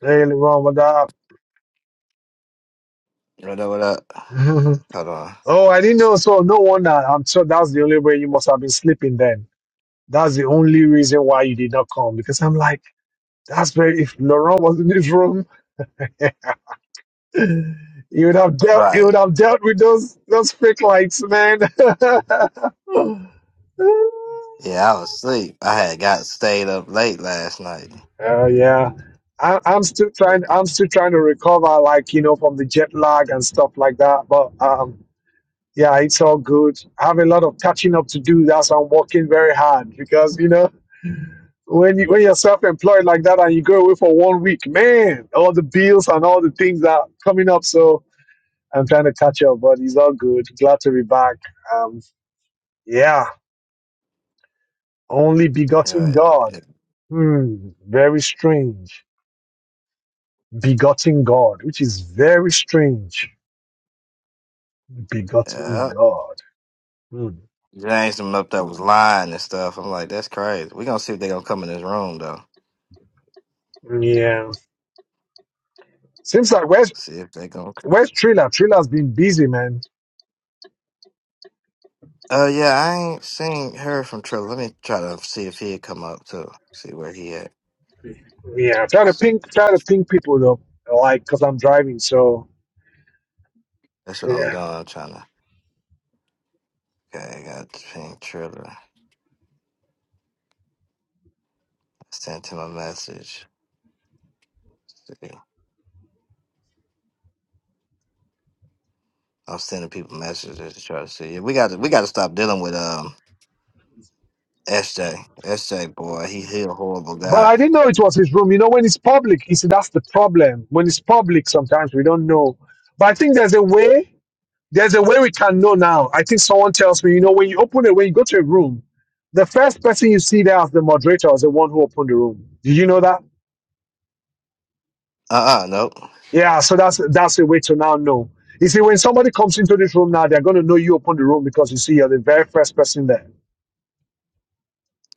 Daily Ramadan. What up, what up? Hold on. oh, I didn't know. So no wonder. I'm sure that's the only way you must have been sleeping then. That's the only reason why you did not come because I'm like, that's where if Laurent was in this room, he would have dealt he Right. would have dealt with those those fake lights, man. Yeah, I was asleep. I had got stayed up late last night. Oh yeah. I, I'm still trying Right. I'm still trying to recover like, you know, from the jet lag and stuff like that. But um yeah, it's all good. I have a lot of catching up to do. That's why I'm working very hard because you know when you when you're self-employed like that and you go away for one week, man, all the bills and all the things that are coming up. So I'm trying to catch up, but it's all good. Glad to be back. Um, yeah, only begotten Right. God. Hmm, very strange. Begotten God, which is very strange. Begotten Yeah. God. Hmm. James them up there was lying and stuff. I'm like, that's crazy. we gonna see if they gonna come in this room though. Yeah. Seems like where's See if they gonna come. where's Triller? Triller's been busy, man. Uh yeah, I ain't seen her from Triller. Let me try to see if he'd come up too. See where he at. Yeah, try to See. ping, try to ping people though, like because I'm driving. So That's what I'm yeah, doing. I'm trying to Okay, I got pink Triller. I sent him a message. See. I'm sending people messages to try to see. Yeah, We got to we got to stop dealing with um S J S J boy, he he a horrible but guy. I didn't know it was his room. You know, when it's public, you see that's the problem. When it's public, sometimes we don't know. But I think there's a way. There's a way we can know now. I think someone tells me, you know, when you open it, when you go to a room, the first person you see there as the moderator is the one who opened the room. Do you know that? Uh uh nope. Yeah. So that's that's a way to now know. You see, when somebody comes into this room now, they're going to know you opened the room because you see you're the very first person there.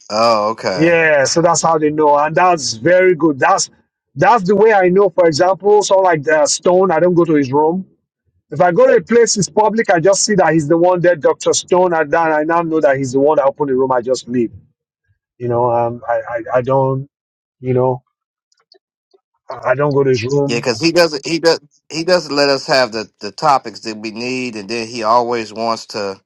Oh okay. Yeah, so that's how they know, and that's very good. That's that's the way I know. For example, someone like uh, Stone, I don't go to his room. If I go to a place it's public, I just see that he's the one there, Doctor Stone, and then I now know that he's the one that opened the room. I just leave. You know, um, I, I I don't, you know, I I don't go to his Yeah, room. because he doesn't he does he doesn't let us have the the topics that we need, and then he always wants to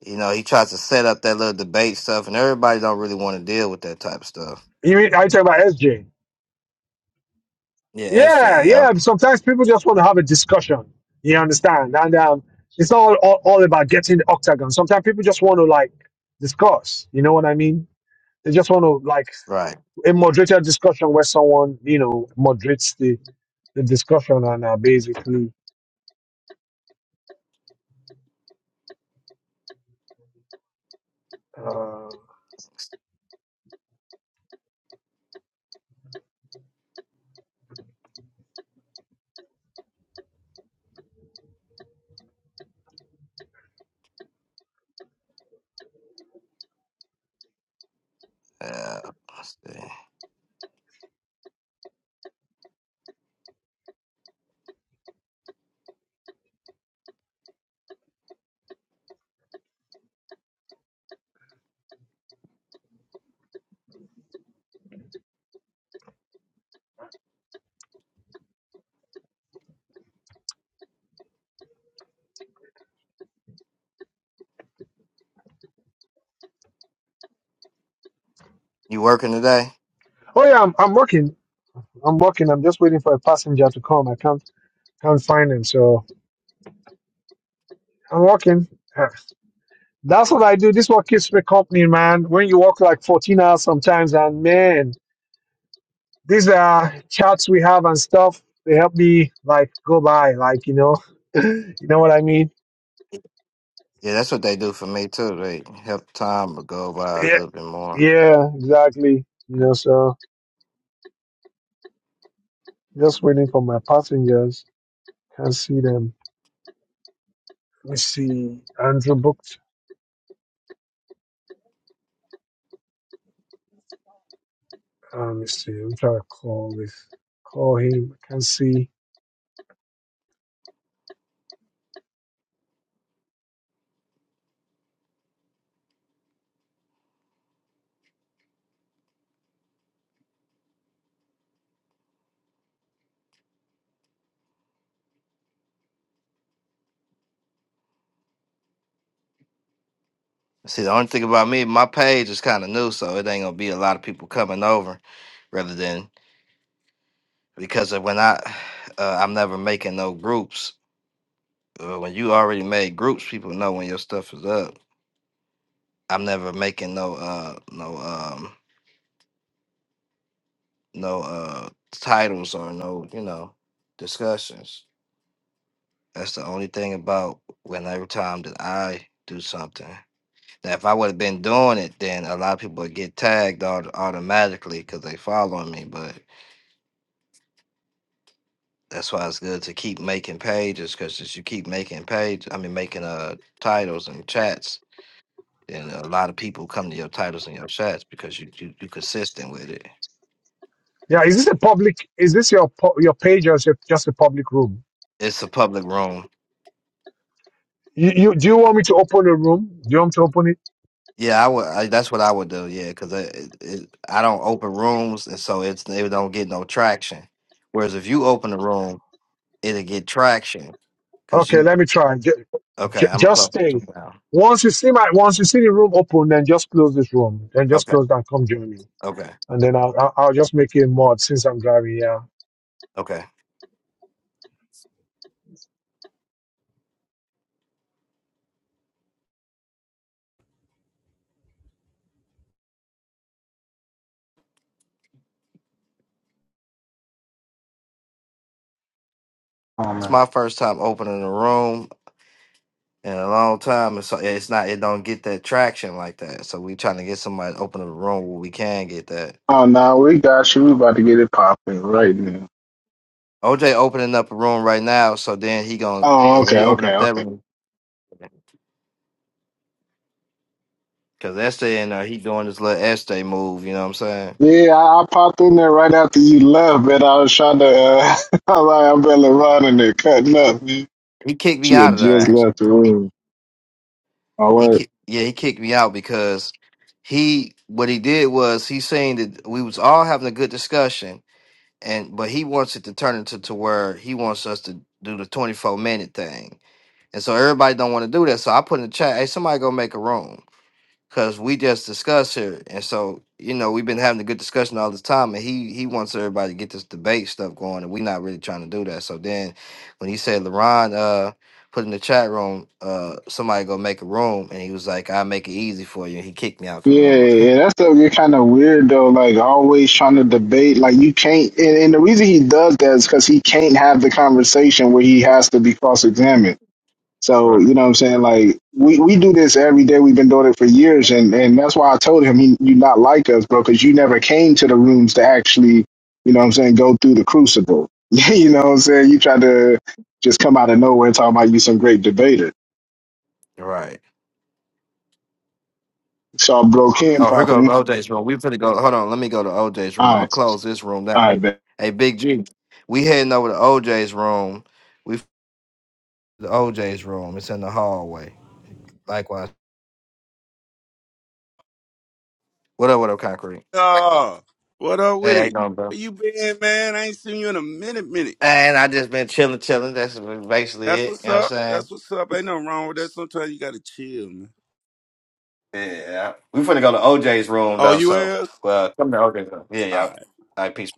you know he tries to set up that little debate stuff, and everybody don't really want to deal with that type of stuff. You mean I talk about SJ? Yeah, SJ. Yeah, Yep. yeah. Sometimes people just want to have a discussion. You understand? And um, it's not all, all, all about getting the octagon. Sometimes people just want to like discuss. You know what I mean? They just want to like Right. a moderated discussion where someone you know moderates the, the discussion and uh, basically. Uh, Uh, let's see. You working today? oh yeah, I'm, I'm working. I'm working. I'm just waiting for a passenger to come. I can't can't find him, so I'm working. Yeah. That's what I do. This is what keeps me company, man. When you work like 14 hours sometimes, and man, these are chats we have and stuff. They help me like go by, like you know, you know what I mean. Yeah, that's what they do for me too. They help time go by a Yeah, little bit more. yeah, exactly. You know, so. Just waiting for my passengers. Can't see them. Let me see. Andrew booked. Um, let me see. I'm trying to call this. Call him. Can't see. See, the only thing about me, my page is kind of new, so it ain't gonna be a lot of people coming over. Rather than because of when I, uh, I'm never making no groups. Uh, when you already made groups, people know when your stuff is up. I'm never making no, uh, no, um, no uh, titles or no, you know, discussions. That's the only thing about when every time that I do something. Now, if I would have been doing it, then a lot of people would get tagged auto- automatically because they following me, but. That's why it's good to keep making pages because as you keep making page, I mean making uh titles and chats, then a lot of people come to your titles and your chats because you you you consistent with it. Yeah, is this a public? Is this your pu- your page or is it just a public room? It's a public room. You, you do you want me to open a room? Do you want me to open it? Yeah, I would. I, that's what I would do. Yeah, because I it, it, I don't open rooms, and so it's they don't get no traction. Whereas if you open a room, it'll get traction because Okay, you. let me try. Ju- Okay, ju- I'm gonna just close this stay. one down. Once you see my once you see the room open, then just close this room. Then just Okay, close that. Come join me, okay, and then I'll I'll, I'll just make you a mod since I'm driving. Yeah. okay. Oh It's man. my first time opening a room. in a long time, and so it's not it don't get that traction like that. So we trying to get somebody to open up a room where we can get that. Oh no, we got you. We about to get it popping right now. OJ opening up a room right now, so then he gonna Oh, uh, when okay, he open okay, up that okay. room because Estee and uh, he doing this little Estee move. You know what I'm saying? Yeah, I, I popped in there right after you left, but I was trying to. Uh, I'm like, I'm barely running there, cutting up. man. He kicked me She out had of there. just Actually, left the room. All he right. kicked yeah he kicked me out because he what he did was he saying that we was all having a good discussion and but he wants it to turn into to where he wants us to do the 24 minute thing And so everybody don't want to do that. So I put in the chat, hey, somebody go make a room. Cause we just discussed here. And so, you know, we've been having a good discussion all this time. And he he wants everybody to get this debate stuff going. And we're not really trying to do that. So then when he said LaRon uh put in the chat room, uh somebody go make a room and he was like, I'll make it easy for you. And he kicked me out the Yeah, room. yeah, that's stuff get kind of weird though. Like always trying to debate. Like you can't, and, and the reason he does that is because he can't have the conversation where he has to be cross-examined. So, Right. you know what I'm saying? Like we, we do this every day. We've been doing it for years and, and that's why I told him he, you not like us, bro, because you never came to the rooms to actually, you know what I'm saying, go through the crucible. you know what I'm saying? You tried to just come out of nowhere talking about you some great debater. Right. So I broke him Oh, here goes popping. OJ's room. We finna go hold on, let me go to OJ's room. All I'm gonna right. close this room down. All right, Hey, man. hey Big G. We heading over to OJ's room. We. The OJ's room. It's in the hallway. Likewise. What up, what up, Concrete? Uh, what up Hey, with how you it? doing, bro? Where you been, man? I ain't seen you in a minute, minute. And I just been chilling, chilling. That's basically That's it. what's You know what I'm up. saying? That's what's up. Ain't nothing wrong with that. Sometimes you gotta chill, man. Yeah. We finna go to OJ's room Oh, though, you so is? well come to OJ's room. Yeah, yeah. All right, peace.